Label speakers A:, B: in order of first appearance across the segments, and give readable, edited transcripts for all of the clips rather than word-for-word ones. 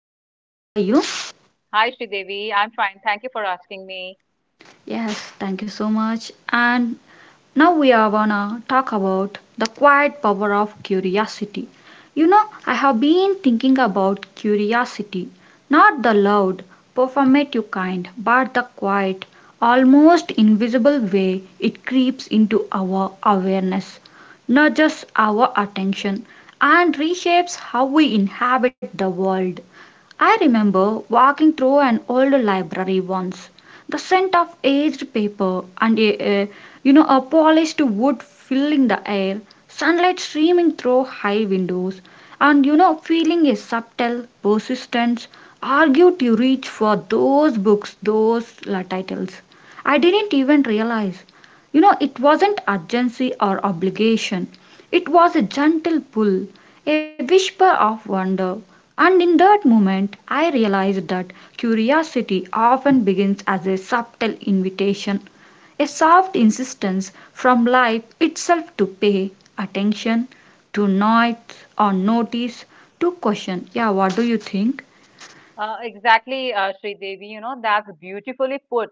A: you?
B: Hi, Sridevi. I'm fine. Thank you for asking me.
A: Yes, thank you so much. And Now we are gonna talk about the quiet power of curiosity. I have been thinking about curiosity, not the loud, performative kind, but the quiet, almost invisible way it creeps into our awareness, nudges our attention, and reshapes how we inhabit the world. I remember walking through an old library once, the scent of aged paper and a you know a polished wood filling the air, sunlight streaming through high windows, and feeling a subtle persistence argued to reach for those books, those titles. I didn't even realize. It wasn't urgency or obligation. It was a gentle pull, a whisper of wonder, and in that moment, I realized that curiosity often begins as a subtle invitation, a soft insistence from life itself to pay attention, to noise or notice, to question. Yeah, what do you think?
B: Exactly, Sridevi. You know, that's beautifully put.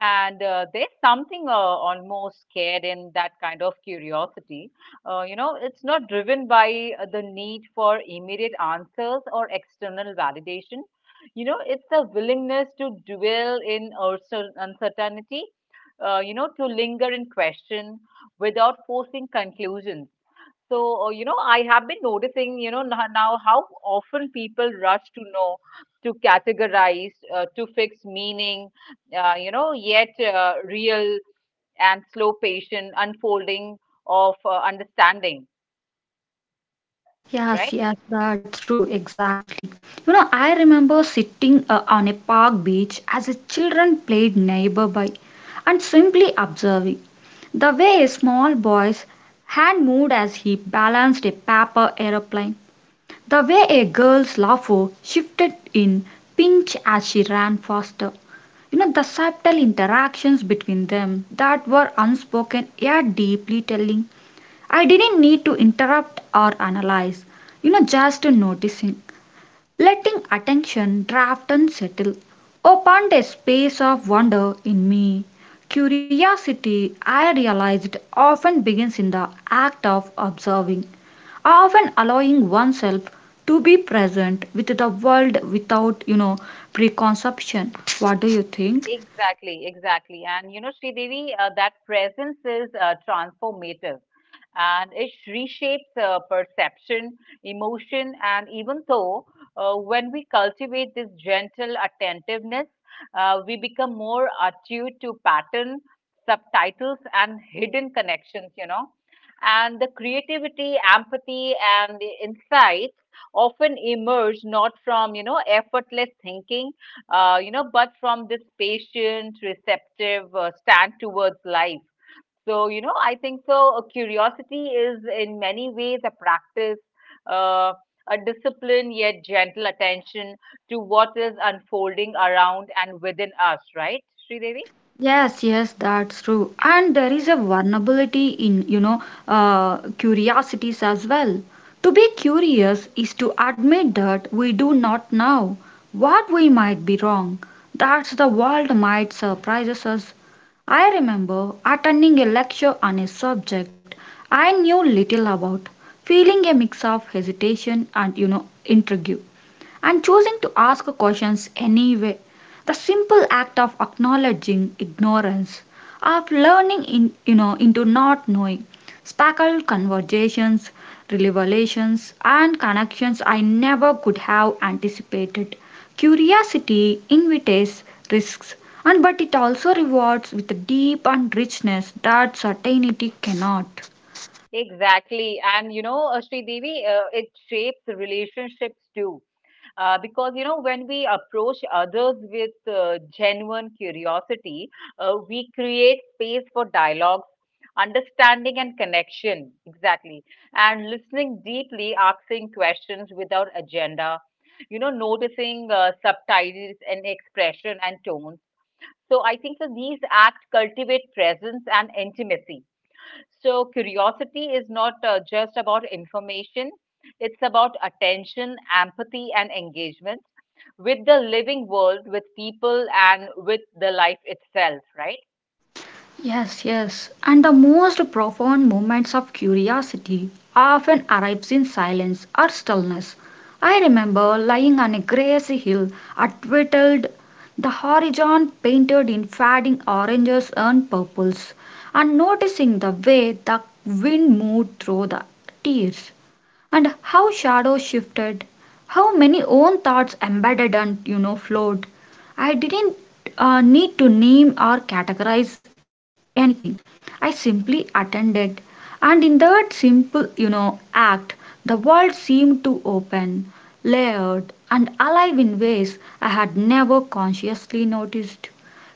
B: And there's something almost scared in that kind of curiosity. You know, it's not driven by the need for immediate answers or external validation. You know, it's a willingness to dwell in uncertainty, you know, to linger in question without forcing conclusions. So, you know, I have been noticing, you know, now how often people rush to know, to categorize, to fix meaning, you know, yet real and slow, patient unfolding of understanding,
A: Yes,
B: right?
A: yes, that's true, exactly. I remember sitting on a park beach as a children played neighbor by, and simply observing the way a small boy's hand moved as he balanced a paper aeroplane, the way a girl's laugh shifted in pinch as she ran faster. The subtle interactions between them that were unspoken yet deeply telling. I didn't need to interrupt or analyze, just noticing, letting attention draft and settle, opened a space of wonder in me. Curiosity, I realized, often begins in the act of observing, often allowing oneself to be present with the world without preconception. What do you think?
B: Exactly, exactly. And you know, Sridevi, that presence is transformative, and it reshapes perception, emotion, and even though when we cultivate this gentle attentiveness, we become more attuned to pattern, subtitles, and hidden connections, you know. And the creativity, empathy, and the insights often emerge not from, you know, effortless thinking, you know, but from this patient, receptive stand towards life. So, you know, I think so. Curiosity is in many ways a practice, uh, a discipline, yet gentle attention to what is unfolding around and within us, right, Sridevi?
A: Yes, yes, that's true. And there is a vulnerability in curiosities as well. To be curious is to admit that we do not know what we might be wrong. That's the world might surprises us. I remember attending a lecture on a subject I knew little about, feeling a mix of hesitation and intrigue, and choosing to ask questions anyway. The simple act of acknowledging ignorance, of learning in into not knowing, sparkle conversations, revelations, and connections I never could have anticipated. Curiosity invites risks, and but it also rewards with a deep and richness that certainty cannot.
B: Exactly. And, you know, Sridevi, it shapes relationships too. Because you know, when we approach others with genuine curiosity, we create space for dialogue, understanding, and connection, exactly. And listening deeply, asking questions without agenda, you know, noticing subtitles and expression and tones. So I think that these acts cultivate presence and intimacy. So curiosity is not just about information, it's about attention, empathy, and engagement with the living world, with people, and with the life itself, right?
A: Yes, yes. And the most profound moments of curiosity often arrives in silence or stillness. I remember lying on a grassy hill at Whittled, the horizon painted in fading oranges and purples, and noticing the way the wind moved through the tears and how shadows shifted, how many own thoughts embedded and flowed. I didn't need to name or categorize anything. I simply attended, and in that simple act, the world seemed to open, layered, and alive in ways I had never consciously noticed.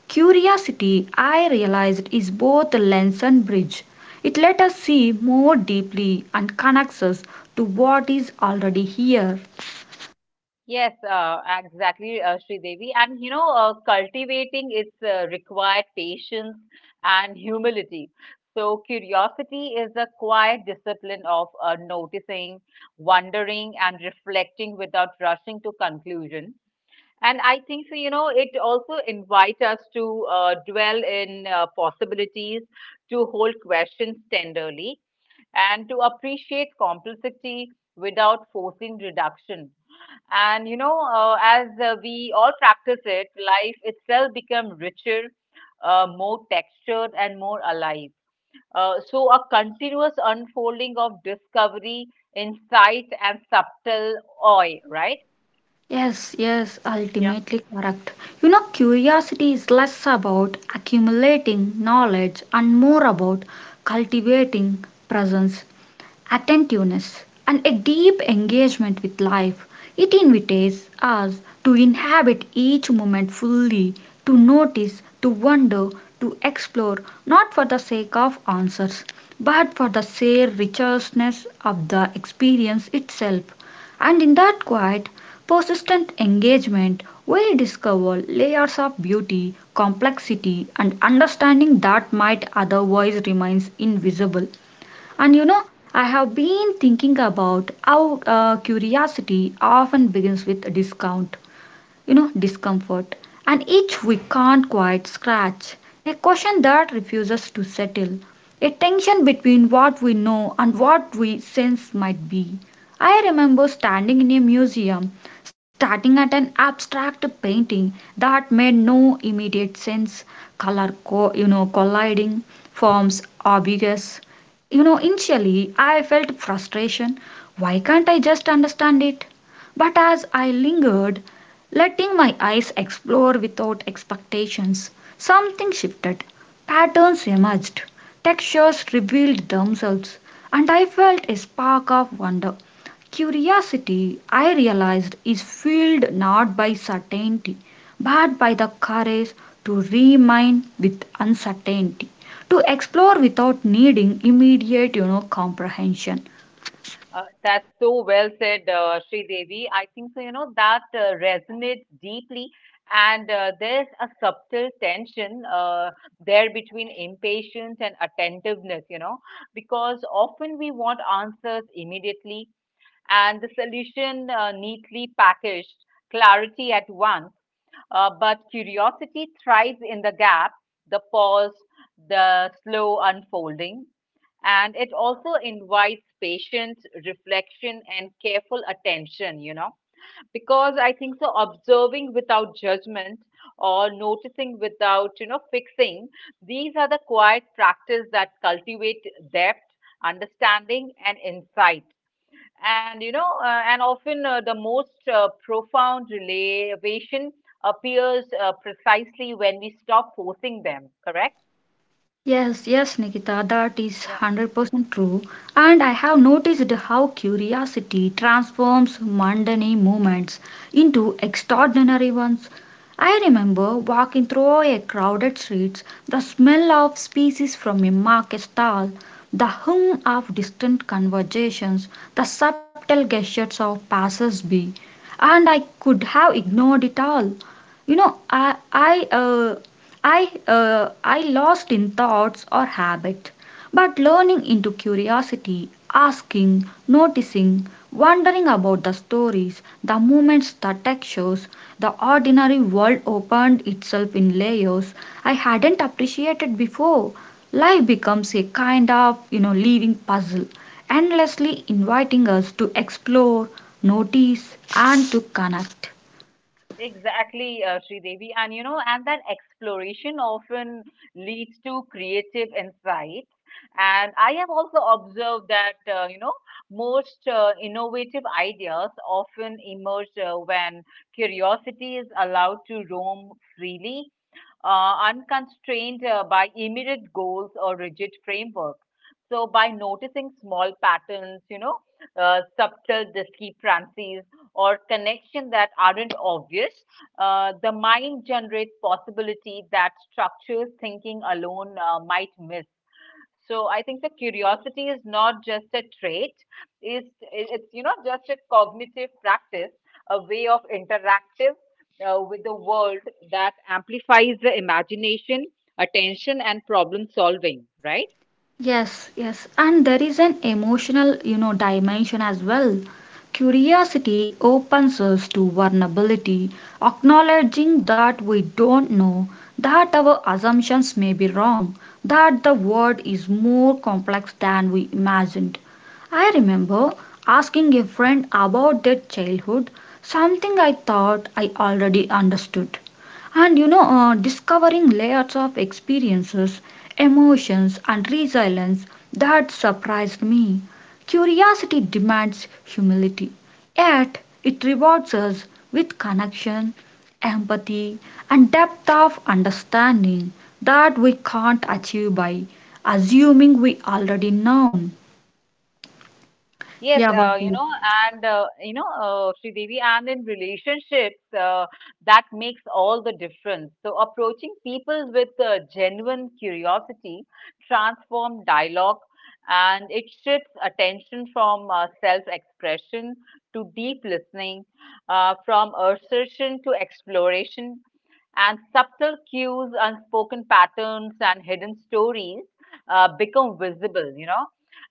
A: Curiosity, I realized, is both a lens and bridge. It lets us see more deeply and connects us to what is already here.
B: Yes, exactly, Devi. And you know, cultivating its required patience and humility. So, curiosity is a quiet discipline of noticing, wondering, and reflecting without rushing to conclusion. And I think so, you know, it also invites us to dwell in possibilities, to hold questions tenderly, and to appreciate complexity without forcing reduction. And, you know, as we all practice it, life itself becomes richer, more textured, and more alive. So, a continuous unfolding of discovery, insight, and subtle awe, right?
A: Yes, yes, ultimately correct. You know, curiosity is less about accumulating knowledge and more about cultivating presence, attentiveness, and a deep engagement with life. It invites us to inhabit each moment fully, to notice, to wonder, to explore, not for the sake of answers, but for the sheer richness of the experience itself. And in that quiet, persistent engagement, we discover layers of beauty, complexity, and understanding that might otherwise remain invisible. And I have been thinking about how curiosity often begins with a discount you know discomfort, and each we can't quite scratch, a question that refuses to settle, a tension between what we know and what we sense might be. I remember standing in a museum, starting at an abstract painting that made no immediate sense, color colliding, forms obvious. Initially I felt frustration. Why can't I just understand it? But as I lingered, letting my eyes explore without expectations, something shifted. Patterns emerged, textures revealed themselves, and I felt a spark of wonder. Curiosity, I realized, is fueled not by certainty, but by the courage to remain with uncertainty, to explore without needing immediate comprehension.
B: That's so well said, Sri Devi. I think so, you know, that resonates deeply. And there's a subtle tension there between impatience and attentiveness, you know, because often we want answers immediately and the solution neatly packaged, clarity at once. But curiosity thrives in the gap, the pause, the slow unfolding, and it also invites patience, reflection, and careful attention, you know, because I think so observing without judgment or noticing without, you know, fixing, these are the quiet practice that cultivate depth, understanding, and insight. And you know, and often the most profound relation appears precisely when we stop forcing them, correct.
A: Yes, yes, Nikita, that is 100% true. And I have noticed how curiosity transforms mundane moments into extraordinary ones. I remember walking through a crowded street, the smell of species from a market stall, the hum of distant conversations, the subtle gestures of passers-by, and I could have ignored it all. You know, I lost in thoughts or habits, but learning into curiosity, asking, noticing, wondering about the stories, the moments, the textures, the ordinary world opened itself in layers I hadn't appreciated before. Life becomes a kind of living puzzle, endlessly inviting us to explore, notice, and to connect.
B: Exactly, Sridevi. And you know, and that exploration often leads to creative insights. And I have also observed that, you know, most innovative ideas often emerge when curiosity is allowed to roam freely, unconstrained by immediate goals or rigid frameworks. So, by noticing small patterns, you know, subtle discrepancies, or connection that aren't obvious, the mind generates possibility that structures thinking alone might miss. So I think the curiosity is not just a trait; it's you know just a cognitive practice, a way of interactive with the world that amplifies the imagination, attention, and problem solving. Right?
A: Yes, yes, and there is an emotional dimension as well. Curiosity opens us to vulnerability, acknowledging that we don't know, that our assumptions may be wrong, that the world is more complex than we imagined. I remember asking a friend about their childhood, something I thought I already understood. And discovering layers of experiences, emotions, and resilience that surprised me. Curiosity demands humility, yet it rewards us with connection, empathy, and depth of understanding that we can't achieve by assuming we already know.
B: Yes,
A: Yeah,
B: you
A: Vasu.
B: know, and you know, Devi, and in relationships, that makes all the difference. So, approaching people with genuine curiosity transform dialogue, and it shifts attention from self-expression to deep listening, from assertion to exploration, and subtle cues, unspoken patterns, and hidden stories become visible. You know,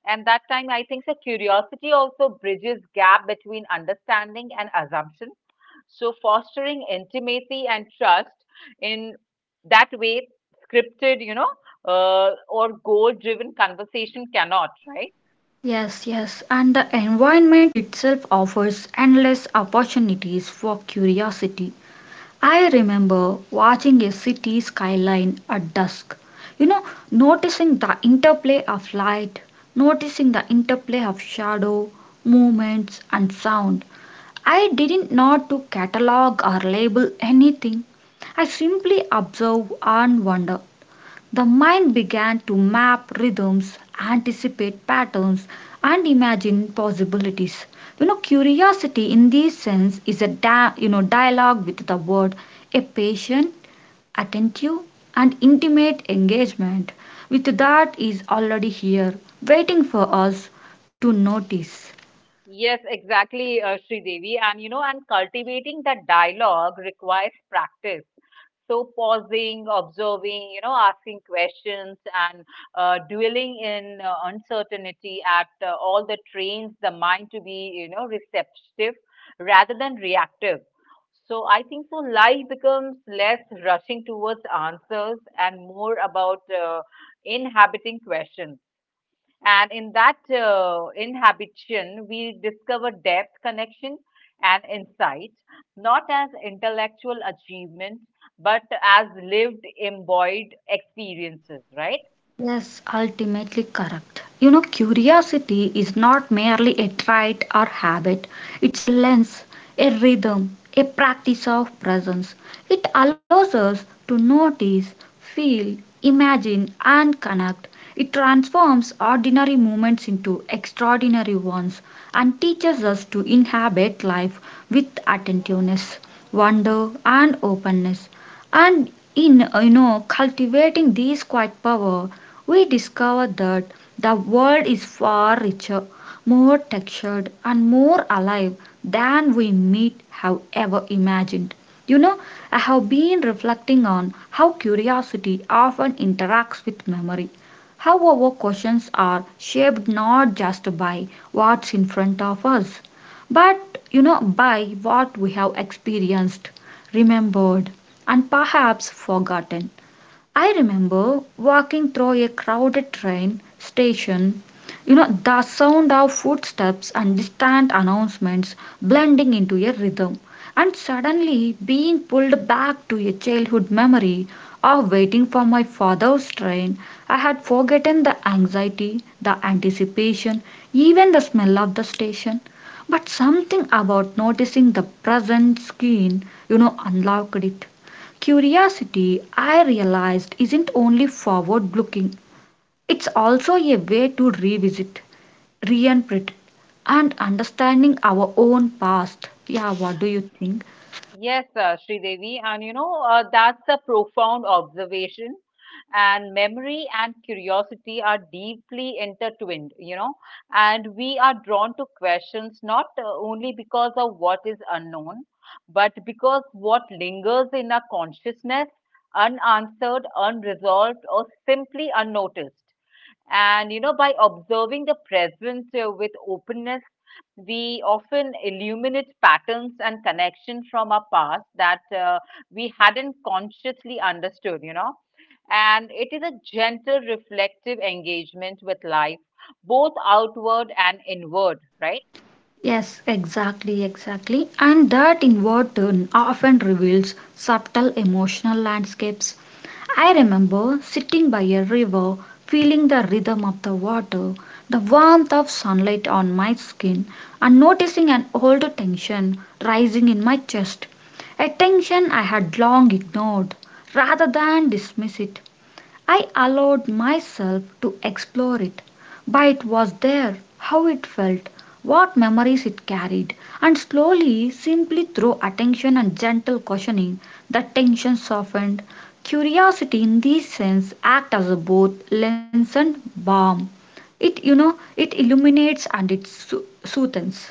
B: and that time, I think so curiosity also bridges gap between understanding and assumption. So fostering intimacy and trust in that way, scripted, you know, or goal-driven conversation cannot, right?
A: Yes, yes, and the
B: Mhm.
A: environment itself offers endless opportunities for curiosity. I remember watching a city skyline at dusk, you know, noticing the interplay of light, noticing the interplay of shadow, movements, and sound. I didn't not to catalog or label anything. I simply observe and wonder. The mind began to map rhythms, anticipate patterns, and imagine possibilities. You know, curiosity in this sense is a dialogue with the world, a patient, attentive, and intimate engagement with that is already here, waiting for us to notice.
B: Yes, exactly, Sridevi. And you know, and cultivating that dialogue requires practice. So pausing, observing, you know, asking questions, and dwelling in uncertainty at all the trains the mind to be, you know, receptive rather than reactive. So I think so life becomes less rushing towards answers and more about inhabiting questions. And in that inhabition, we discover depth, connection, and insight, not as intellectual achievement, but as lived, embodied experiences, right?
A: Yes, ultimately correct. You know, curiosity is not merely a trait or habit, it's a lens, a rhythm, a practice of presence. It allows us to notice, feel, imagine, and connect. It transforms ordinary moments into extraordinary ones and teaches us to inhabit life with attentiveness, wonder, and openness. And in cultivating these quiet power we discover that the world is far richer, more textured, and more alive than we might have ever imagined. You know, I have been reflecting on how curiosity often interacts with memory, how our questions are shaped not just by what's in front of us, but by what we have experienced, remembered, and perhaps forgotten. I remember walking through a crowded train station. The sound of footsteps and distant announcements blending into a rhythm, and suddenly being pulled back to a childhood memory of waiting for my father's train. I had forgotten the anxiety, the anticipation, even the smell of the station. But something about noticing the present scene unlocked it. Curiosity, I realized, isn't only forward looking, it's also a way to revisit, reinterpret, and understanding our own past. Yeah, what do you think?
B: Yes, Sridevi, and you know, that's a profound observation. And memory and curiosity are deeply intertwined, you know, and we are drawn to questions not only because of what is unknown, but because what lingers in our consciousness, unanswered, unresolved, or simply unnoticed. And you know, by observing the present with openness, we often illuminate patterns and connections from our past that we hadn't consciously understood, you know. And it is a gentle, reflective engagement with life, both outward and inward, right?
A: Yes, exactly, exactly. And that inward turn often reveals subtle emotional landscapes. I remember sitting by a river, feeling the rhythm of the water, the warmth of sunlight on my skin, and noticing an old tension rising in my chest. A tension I had long ignored. Rather than dismiss it, I allowed myself to explore it, but it was there, how it felt, what memories it carried, and slowly, simply through attention and gentle cautioning, the tension softened. Curiosity in this sense acts as a both lens and balm. It you know it illuminates and it soothes.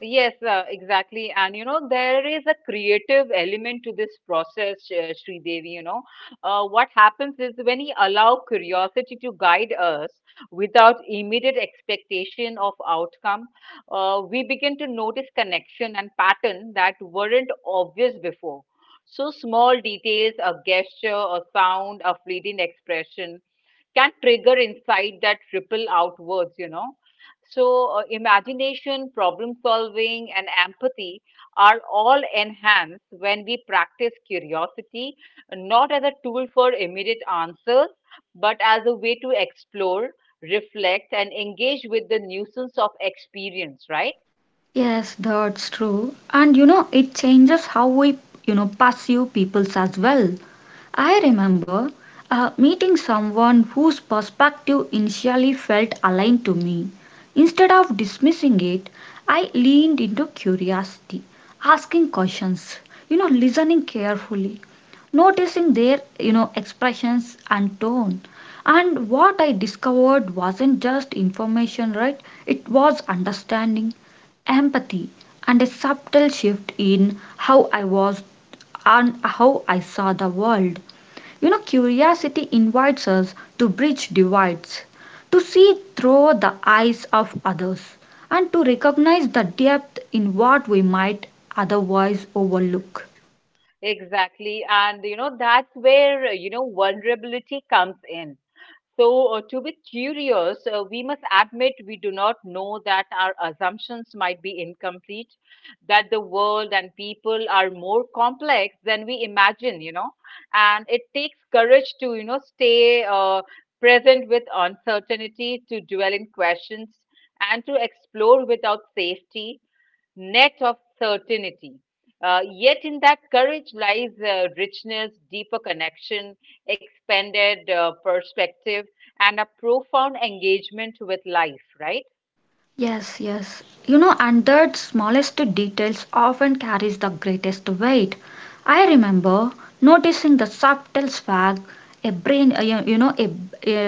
B: Yes, exactly. And you know, there is a creative element to this process, Sri Devi. You know, what happens is when we allow curiosity to guide us without immediate expectation of outcome, we begin to notice connection and pattern that weren't obvious before. So small details, a gesture, a sound, a fleeting expression can trigger insight that ripple outwards, you know. So, imagination, problem solving, and empathy are all enhanced when we practice curiosity, not as a tool for immediate answers, but as a way to explore, reflect, and engage with the nuisance of experience, right?
A: Yes, that's true. And you know, it changes how we perceive peoples as well. I remember meeting someone whose perspective initially felt aligned to me. Instead of dismissing it, I leaned into curiosity, asking questions, listening carefully, noticing their expressions and tone. And what I discovered wasn't just information, right? It was understanding, empathy, and a subtle shift in how I was and how I saw the world. You know, curiosity invites us to bridge divides, to see through the eyes of others, and to recognize the depth in what we might otherwise overlook.
B: Exactly. And, you know, that's where, you know, vulnerability comes in. So, to be curious, we must admit we do not know, that our assumptions might be incomplete, that the world and people are more complex than we imagine, you know. And it takes courage to, you know, stay present with uncertainty, to dwell in questions, and to explore without safety net of certainty. Yet in that courage lies richness, deeper connection, expanded perspective, and a profound engagement with life, right?
A: Yes, yes. You know, and that smallest details often carries the greatest weight. I remember noticing the subtle swag a brain, uh, you you know, a,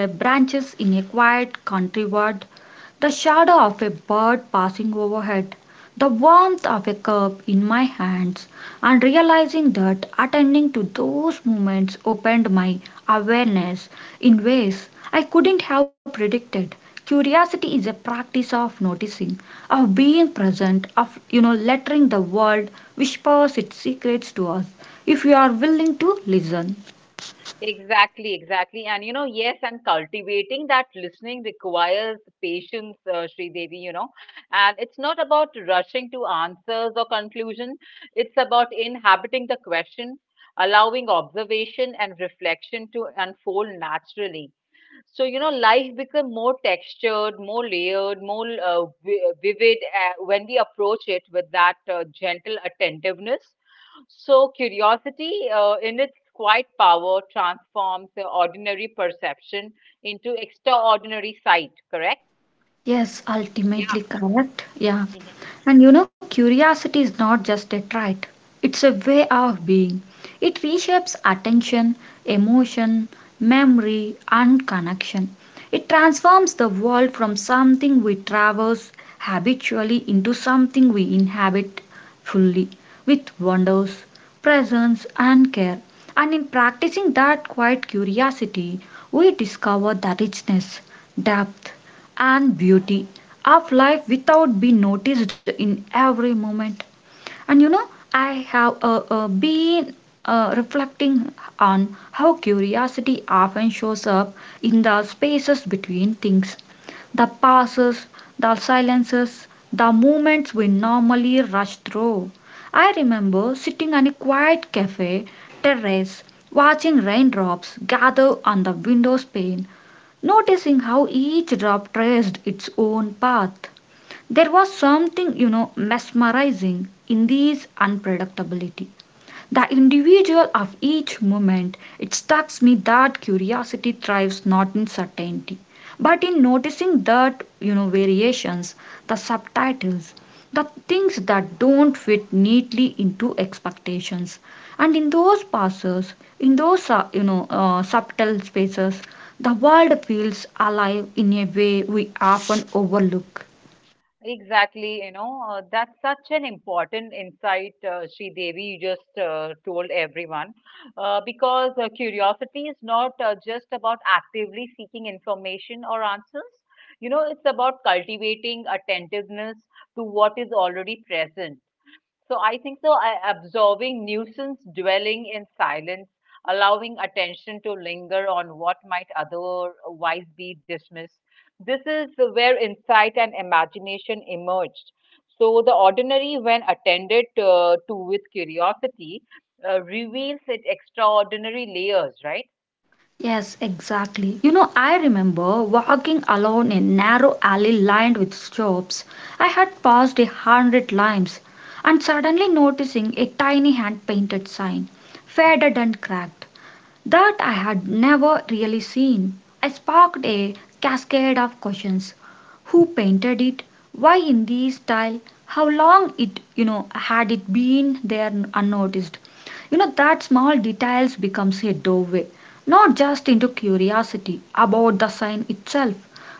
A: a branches in a quiet country ward, the shadow of a bird passing overhead, the warmth of a cup in my hands, and realizing that attending to those moments opened my awareness in ways I couldn't have predicted. Curiosity is a practice of noticing, of being present, of letting the world whispers its secrets to us if we are willing to listen.
B: Exactly, exactly. And you know, yes, and cultivating that listening requires patience, Devi, you know. And it's not about rushing to answers or conclusion. It's about inhabiting the question, allowing observation and reflection to unfold naturally. So, you know, life become more textured, more layered, more vivid when we approach it with that gentle attentiveness. So, curiosity in its quiet power transforms the ordinary perception into extraordinary sight, correct?
A: Yes,
B: Yeah.
A: ultimately correct. Yeah. And curiosity is not just a trait, it's a way of being. It reshapes attention, emotion, memory, and connection. It transforms the world from something we traverse habitually into something we inhabit fully with wonders, presence, and care. And in practicing that quiet curiosity, we discover the richness, depth, and beauty of life without being noticed in every moment. And I have been reflecting on how curiosity often shows up in the spaces between things, the pauses, the silences, the moments we normally rush through. I remember sitting on a quiet cafe terrace, watching raindrops gather on the window pane, noticing how each drop traced its own path. There was something, mesmerizing in this unpredictability. The individual of each moment, it strikes me that curiosity thrives not in certainty, but in noticing that, variations, the subtitles, the things that don't fit neatly into expectations. And in those passes, in those, subtle spaces, the world feels alive in a way we often overlook.
B: Exactly, you know, that's such an important insight, Sri Devi, you just told everyone. Because curiosity is not just about actively seeking information or answers, you know, it's about cultivating attentiveness to what is already present. So I think so. Absorbing nuisance, dwelling in silence, allowing attention to linger on what might otherwise be dismissed. This is where insight and imagination emerged. So the ordinary, when attended to with curiosity, reveals its extraordinary layers, right?
A: Yes, exactly. I remember walking alone in a narrow alley lined with shops I had passed a hundred times, and suddenly noticing a tiny hand painted sign, faded and cracked, that I had never really seen. I sparked a cascade of questions. Who painted it? Why in this style? How long had it been there unnoticed? That small details becomes a doorway, not just into curiosity about the sign itself,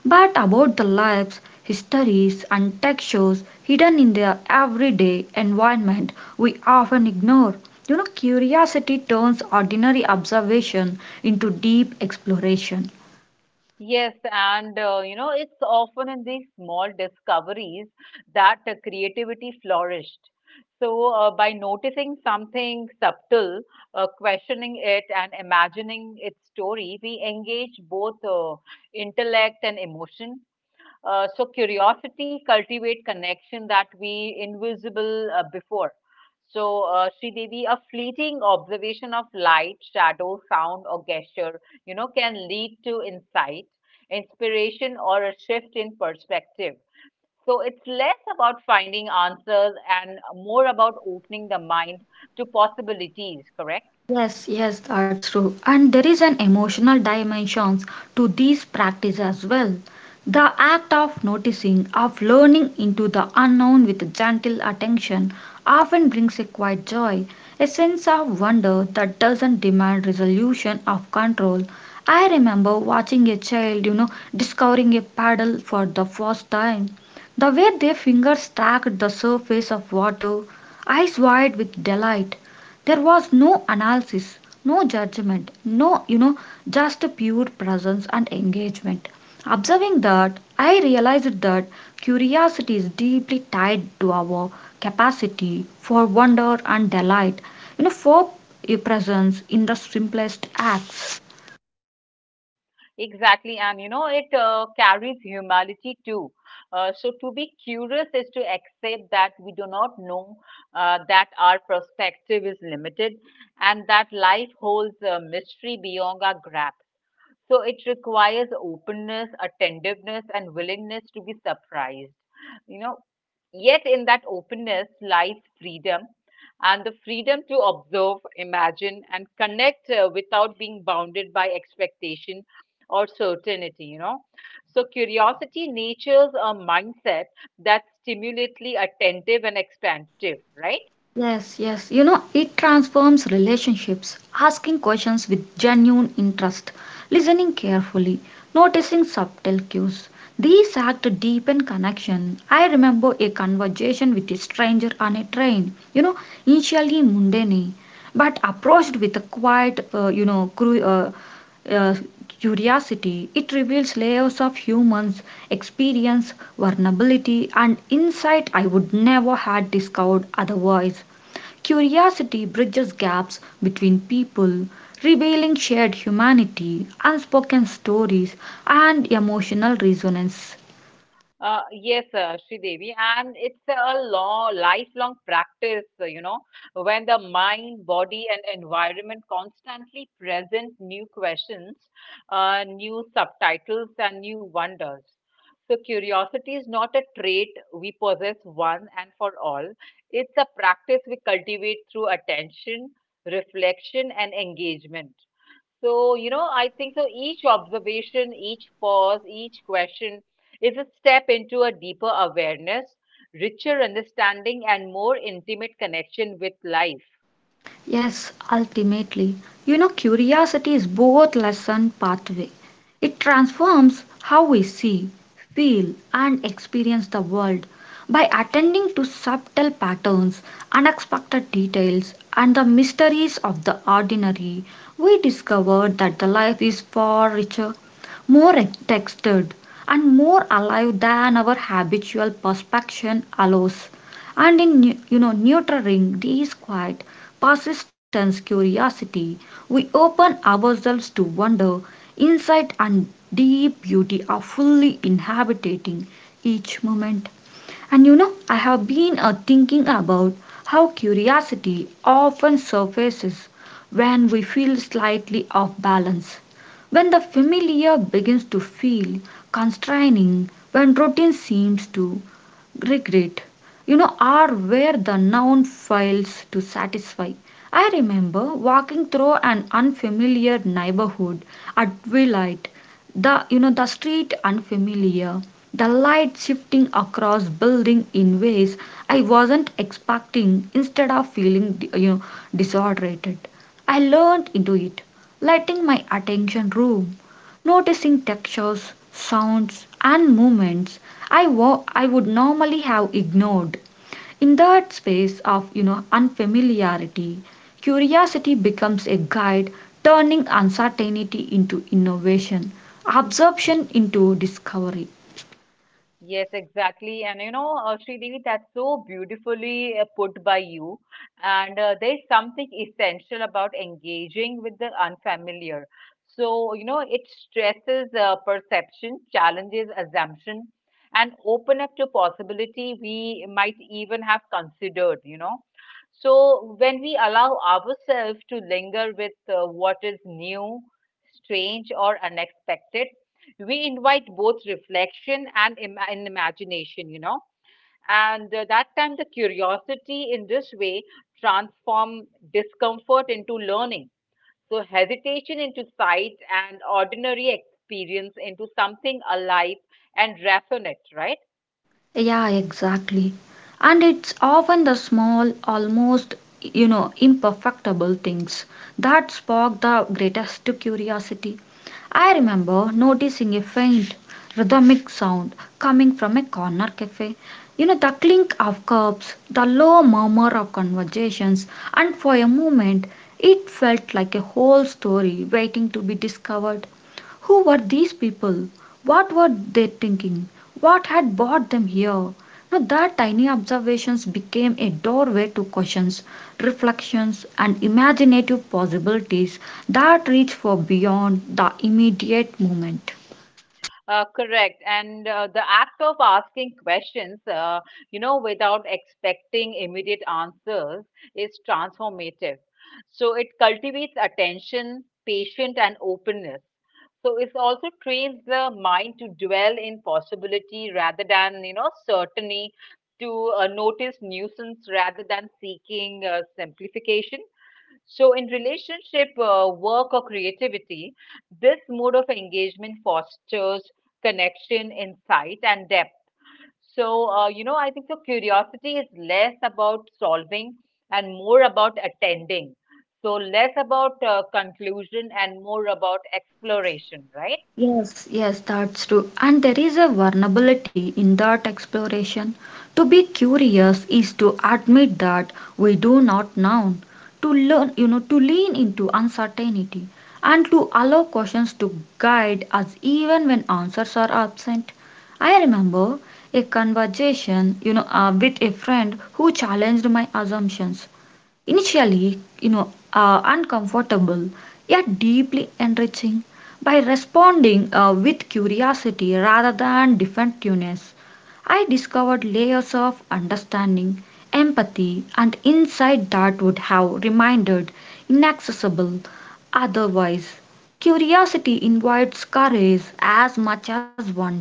A: but about the lives, histories, and textures hidden in their everyday environment we often ignore. Curiosity turns ordinary observation into deep exploration.
B: Yes, and you know, it's often in these small discoveries that creativity flourished. So, by noticing something subtle, questioning it, and imagining its story, we engage both intellect and emotion. So curiosity cultivate connection that we invisible before. So Sri Devi, a fleeting observation of light, shadow, sound, or gesture, you know, can lead to insight, inspiration, or a shift in perspective. So it's less about finding answers and more about opening the mind to possibilities. Correct?
A: Yes, yes, that's true. And there is an emotional dimension to these practice as well. The act of noticing, of learning into the unknown with gentle attention, often brings a quiet joy, a sense of wonder that doesn't demand resolution of control. I remember watching a child, discovering a paddle for the first time. The way their fingers tracked the surface of water, eyes wide with delight, there was no analysis, no judgment, no, just pure presence and engagement. Observing that, I realized that curiosity is deeply tied to our capacity for wonder and delight, for a presence in the simplest acts.
B: Exactly, and you know, it carries humility too. So, to be curious is to accept that we do not know, that our perspective is limited, and that life holds a mystery beyond our grasp. So it requires openness, attentiveness, and willingness to be surprised. You know, yet in that openness lies freedom, and the freedom to observe, imagine, and connect without being bounded by expectation or certainty, you know. So, curiosity natures a mindset that's stimulatively attentive and expansive, right?
A: Yes, yes. It transforms relationships, asking questions with genuine interest, listening carefully, noticing subtle cues. These acts deepen connection. I remember a conversation with a stranger on a train, initially mundane, but approached with a quiet, uh, curiosity. It reveals layers of humans' experience, vulnerability, and insight I would never had discovered otherwise. Curiosity bridges gaps between people, revealing shared humanity, unspoken stories, and emotional resonance.
B: Yes, Devi, and it's a long, lifelong practice, you know, when the mind, body, and environment constantly present new questions, new subtitles, and new wonders. So, curiosity is not a trait we possess one and for all, it's a practice we cultivate through attention, reflection, and engagement. So, you know, I think so each observation, each pause, each question is a step into a deeper awareness, richer understanding, and more intimate connection with life.
A: Yes, ultimately, curiosity is both lesson pathway. It transforms how we see, feel, and experience the world by attending to subtle patterns, unexpected details, and the mysteries of the ordinary. We discover that the life is far richer, more textured, and more alive than our habitual perception allows. And in, nurturing these quiet, persistence curiosity, we open ourselves to wonder, insight, and deep beauty of fully inhabiting each moment. And I have been thinking about how curiosity often surfaces when we feel slightly off balance. When the familiar begins to feel constraining, when routine seems to regret, are where the noun fails to satisfy. I remember walking through an unfamiliar neighborhood at twilight, the you know the street unfamiliar, the light shifting across building in ways I wasn't expecting. Instead of feeling, you know disoriented, I learned into it, letting my attention roam, noticing textures, sounds, and movements I would normally have ignored. In that space of, unfamiliarity, curiosity becomes a guide, turning uncertainty into innovation, absorption into discovery.
B: Yes, exactly. And you know, Sridevi, that's so beautifully put by you. And there's something essential about engaging with the unfamiliar. So, you know, it stresses perception, challenges assumption, and open up to possibility we might even have considered, you know. So, when we allow ourselves to linger with what is new, strange, or unexpected, we invite both reflection and imagination, and that time the curiosity in this way transform discomfort into learning, so hesitation into sight and ordinary experience into something alive and resonant, right?
A: Yeah, exactly. And it's often the small, almost, imperfectible things that spark the greatest curiosity. I remember noticing a faint rhythmic sound coming from a corner cafe. The clink of cups, the low murmur of conversations, and for a moment it felt like a whole story waiting to be discovered. Who were these people? What were they thinking? What had brought them here? Now that tiny observations became a doorway to questions, reflections, and imaginative possibilities that reach for beyond the immediate moment.
B: Correct. And the act of asking questions, without expecting immediate answers is transformative. So it cultivates attention, patience, and openness. So it also trains the mind to dwell in possibility rather than, certainty, to notice nuisance rather than seeking simplification. So, in relationship, work, or creativity, this mode of engagement fosters connection, insight, and depth. So, I think so curiosity is less about solving and more about attending. So, less about conclusion and more about exploration, right?
A: Yes, yes, that's true. And there is a vulnerability in that exploration. To be curious is to admit that we do not know, to learn, to lean into uncertainty and to allow questions to guide us even when answers are absent. I remember a conversation, with a friend who challenged my assumptions, initially, uncomfortable, yet deeply enriching. By responding with curiosity rather than defensiveness, I discovered layers of understanding, empathy, and insight that would have remained inaccessible otherwise. Curiosity invites courage as much as wonder.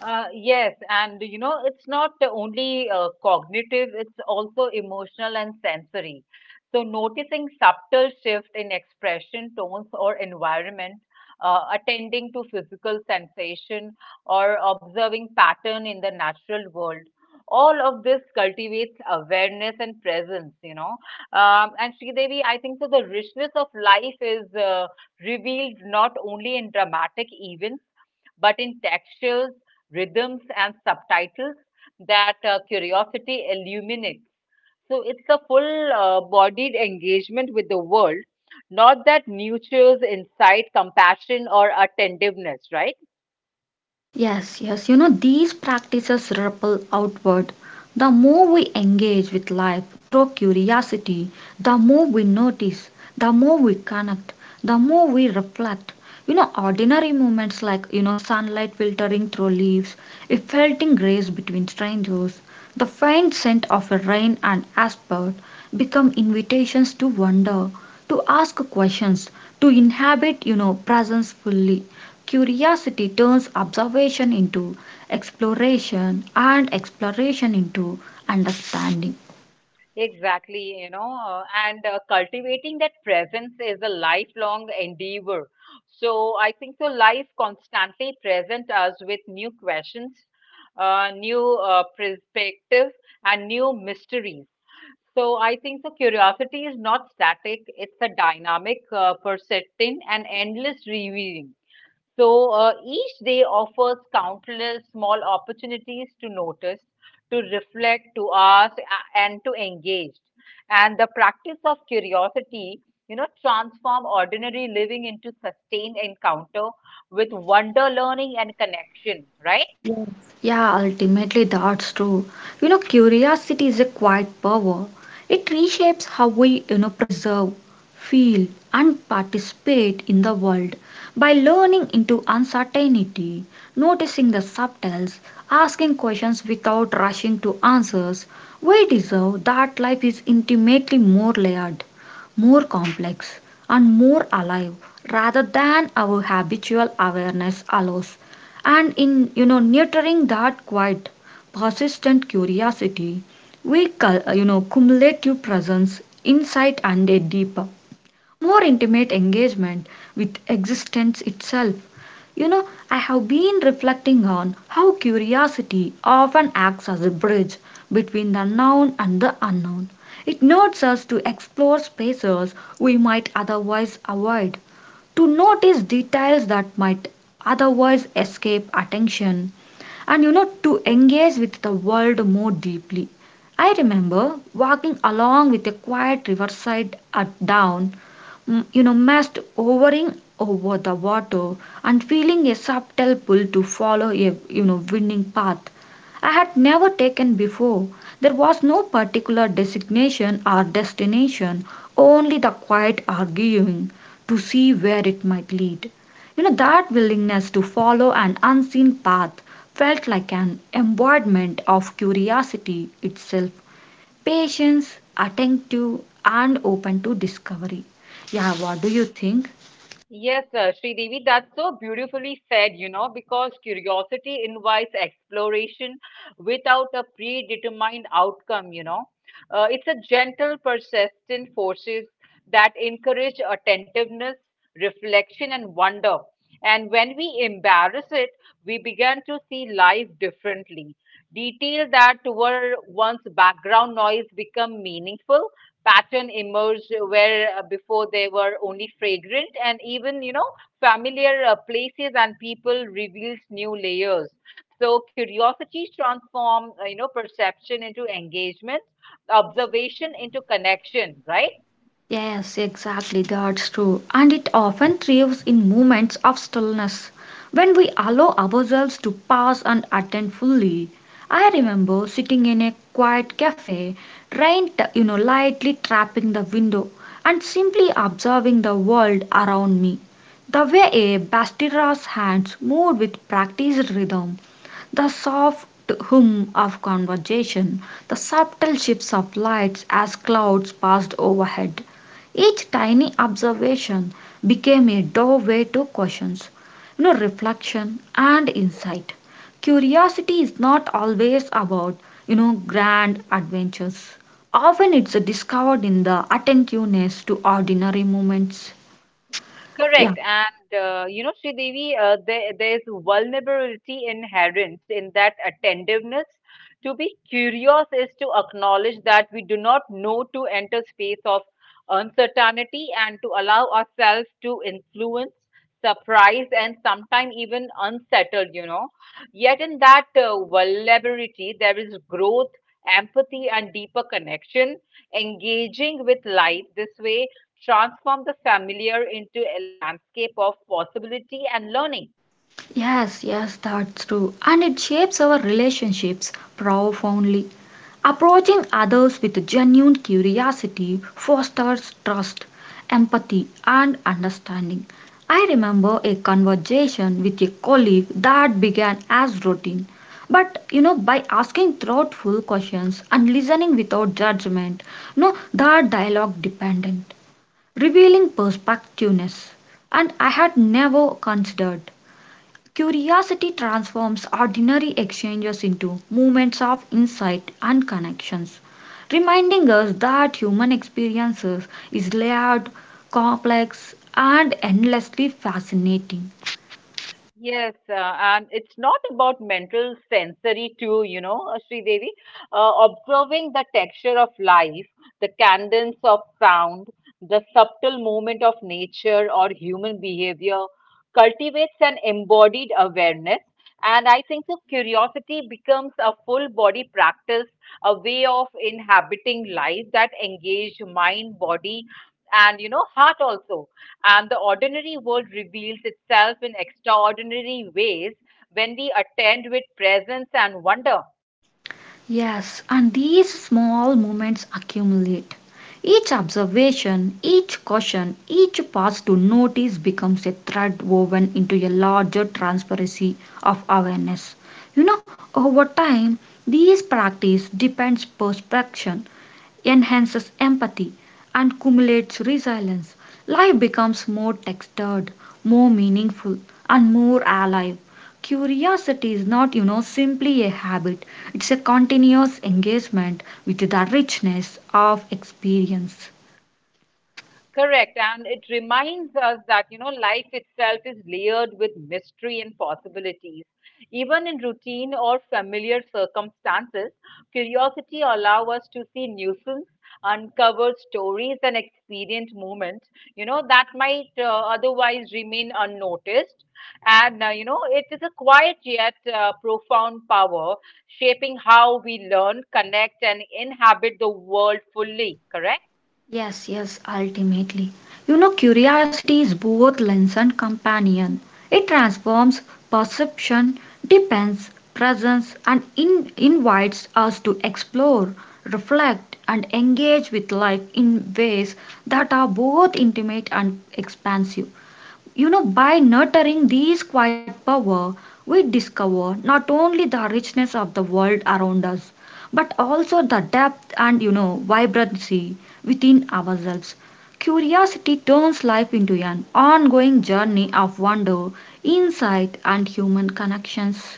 B: Yes, and it's not only cognitive, it's also emotional and sensory. So, noticing subtle shift in expression, tones, or environment, attending to physical sensation, or observing pattern in the natural world. All of this cultivates awareness and presence. You know. And Sridevi, I think so. The richness of life is revealed not only in dramatic events but in textures, rhythms, and subtitles that curiosity illuminates. So it's a full bodied engagement with the world, not that nurtures insight, compassion, or attentiveness, right?
A: Yes, yes, these practices ripple outward. The more we engage with life through curiosity, the more we notice, the more we connect, the more we reflect. Ordinary moments like, sunlight filtering through leaves, a felting grace between strangers, the faint scent of a rain and asphalt become invitations to wonder, to ask questions, to inhabit, presence fully. Curiosity turns observation into exploration and exploration into understanding.
B: Exactly. you know, and Cultivating that presence is a lifelong endeavor. So I think so life constantly presents us with new questions, new perspectives, and new mysteries. So I think the curiosity is not static, it's a dynamic, persistent, and endless reviewing. So each day offers countless small opportunities to notice, to reflect, to ask, and to engage. And the practice of curiosity transform ordinary living into sustained encounter with wonder, learning, and connection, right?
A: Yes. Yeah, ultimately that's true. Curiosity is a quiet power. It reshapes how we, preserve, feel, and participate in the world by learning into uncertainty, noticing the subtles, asking questions without rushing to answers. We deserve that life is intimately more layered, more complex, and more alive rather than our habitual awareness allows. And in, nurturing that quiet, persistent curiosity, we cumulative presence, insight, and a deeper, more intimate engagement with existence itself. I have been reflecting on how curiosity often acts as a bridge between the known and the unknown. It nods us to explore spaces we might otherwise avoid, to notice details that might otherwise escape attention, and to engage with the world more deeply. I remember walking along with a quiet riverside at dawn, mast hovering over the water, and feeling a subtle pull to follow a, winning path I had never taken before. There was no particular designation or destination, only the quiet arguing to see where it might lead. That willingness to follow an unseen path felt like an embodiment of curiosity itself, patience, attentive, and open to discovery. Yeah, what do you think?
B: Yes, Devi, that's so beautifully said, you know, because curiosity invites exploration without a predetermined outcome. You know. It's a gentle, persistent forces that encourage attentiveness, reflection, and wonder. And when we embrace it, we begin to see life differently. Detail that were once background noise become meaningful, pattern emerged where before they were only fragrant, and even familiar places and people reveals new layers. So curiosity transform perception into engagement, observation into connection, right?
A: Yes, exactly, that's true. And it often thrives in moments of stillness when we allow ourselves to pause and attend fully. I remember sitting in a quiet cafe, rain, lightly tapping the window, and simply observing the world around me. The way a bastira's hands moved with practiced rhythm, the soft hum of conversation, the subtle shifts of lights as clouds passed overhead. Each tiny observation became a doorway to questions, reflection and insight. Curiosity is not always about, grand adventures. Often it's discovered in the attentiveness to ordinary moments. Yeah.
B: Correct. And, Sridevi, there's vulnerability inherent in that attentiveness. To be curious is to acknowledge that we do not know, to enter space of uncertainty and to allow ourselves to influence, surprise, and sometimes even unsettled. You know. Yet in that vulnerability, there is growth, empathy, and deeper connection. Engaging with life this way transform the familiar into a landscape of possibility and learning.
A: Yes, yes, that's true. And it shapes our relationships profoundly. Approaching others with genuine curiosity fosters trust, empathy, and understanding. I remember a conversation with a colleague that began as routine. But by asking thoughtful questions and listening without judgment, no, that dialogue dependent, revealing perspectiveness, and I had never considered. Curiosity transforms ordinary exchanges into moments of insight and connections, reminding us that human experiences is layered, complex, and endlessly fascinating.
B: Yes, and it's not about mental sensory too, Sridevi. Observing the texture of life, the cadence of sound, the subtle movement of nature or human behavior cultivates an embodied awareness. And I think so curiosity becomes a full body practice, a way of inhabiting life that engage mind, body, and you know, heart also, and the ordinary world reveals itself in extraordinary ways when we attend with presence and wonder.
A: Yes, and these small moments accumulate. Each observation, each caution, each pause to notice becomes a thread woven into a larger transparency of awareness. You know, over time, these practice depends perception, enhances empathy, and cumulates resilience. Life becomes more textured, more meaningful, and more alive. Curiosity is not, simply a habit, it's a continuous engagement with the richness of experience.
B: Correct. And it reminds us that you know, life itself is layered with mystery and possibilities. Even in routine or familiar circumstances, curiosity allows us to see nuisance, uncover stories and experience moments you know, that might otherwise remain unnoticed. And, it is a quiet yet profound power shaping how we learn, connect, and inhabit the world fully. Correct?
A: Yes, yes, ultimately. Curiosity is both lens and companion. It transforms perception, depends, presence, and invites us to explore, reflect, and engage with life in ways that are both intimate and expansive. By nurturing these quiet power, we discover not only the richness of the world around us, but also the depth and, vibrancy within ourselves. Curiosity turns life into an ongoing journey of wonder, insight, and human connections.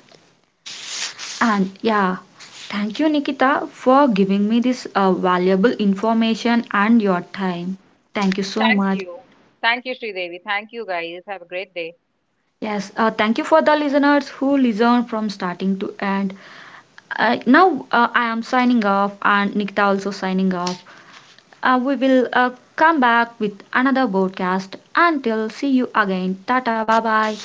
A: And yeah, thank you, Nikita, for giving me this valuable information and your time. Thank you so
B: Thank
A: much.
B: you. Thank you, Sridevi. Thank you, guys. Have a great day.
A: Yes, thank you for the listeners who listen from starting to end. Now I am signing off, and Nikita also signing off. We will come back with another broadcast. Until see you again. Tata, bye bye.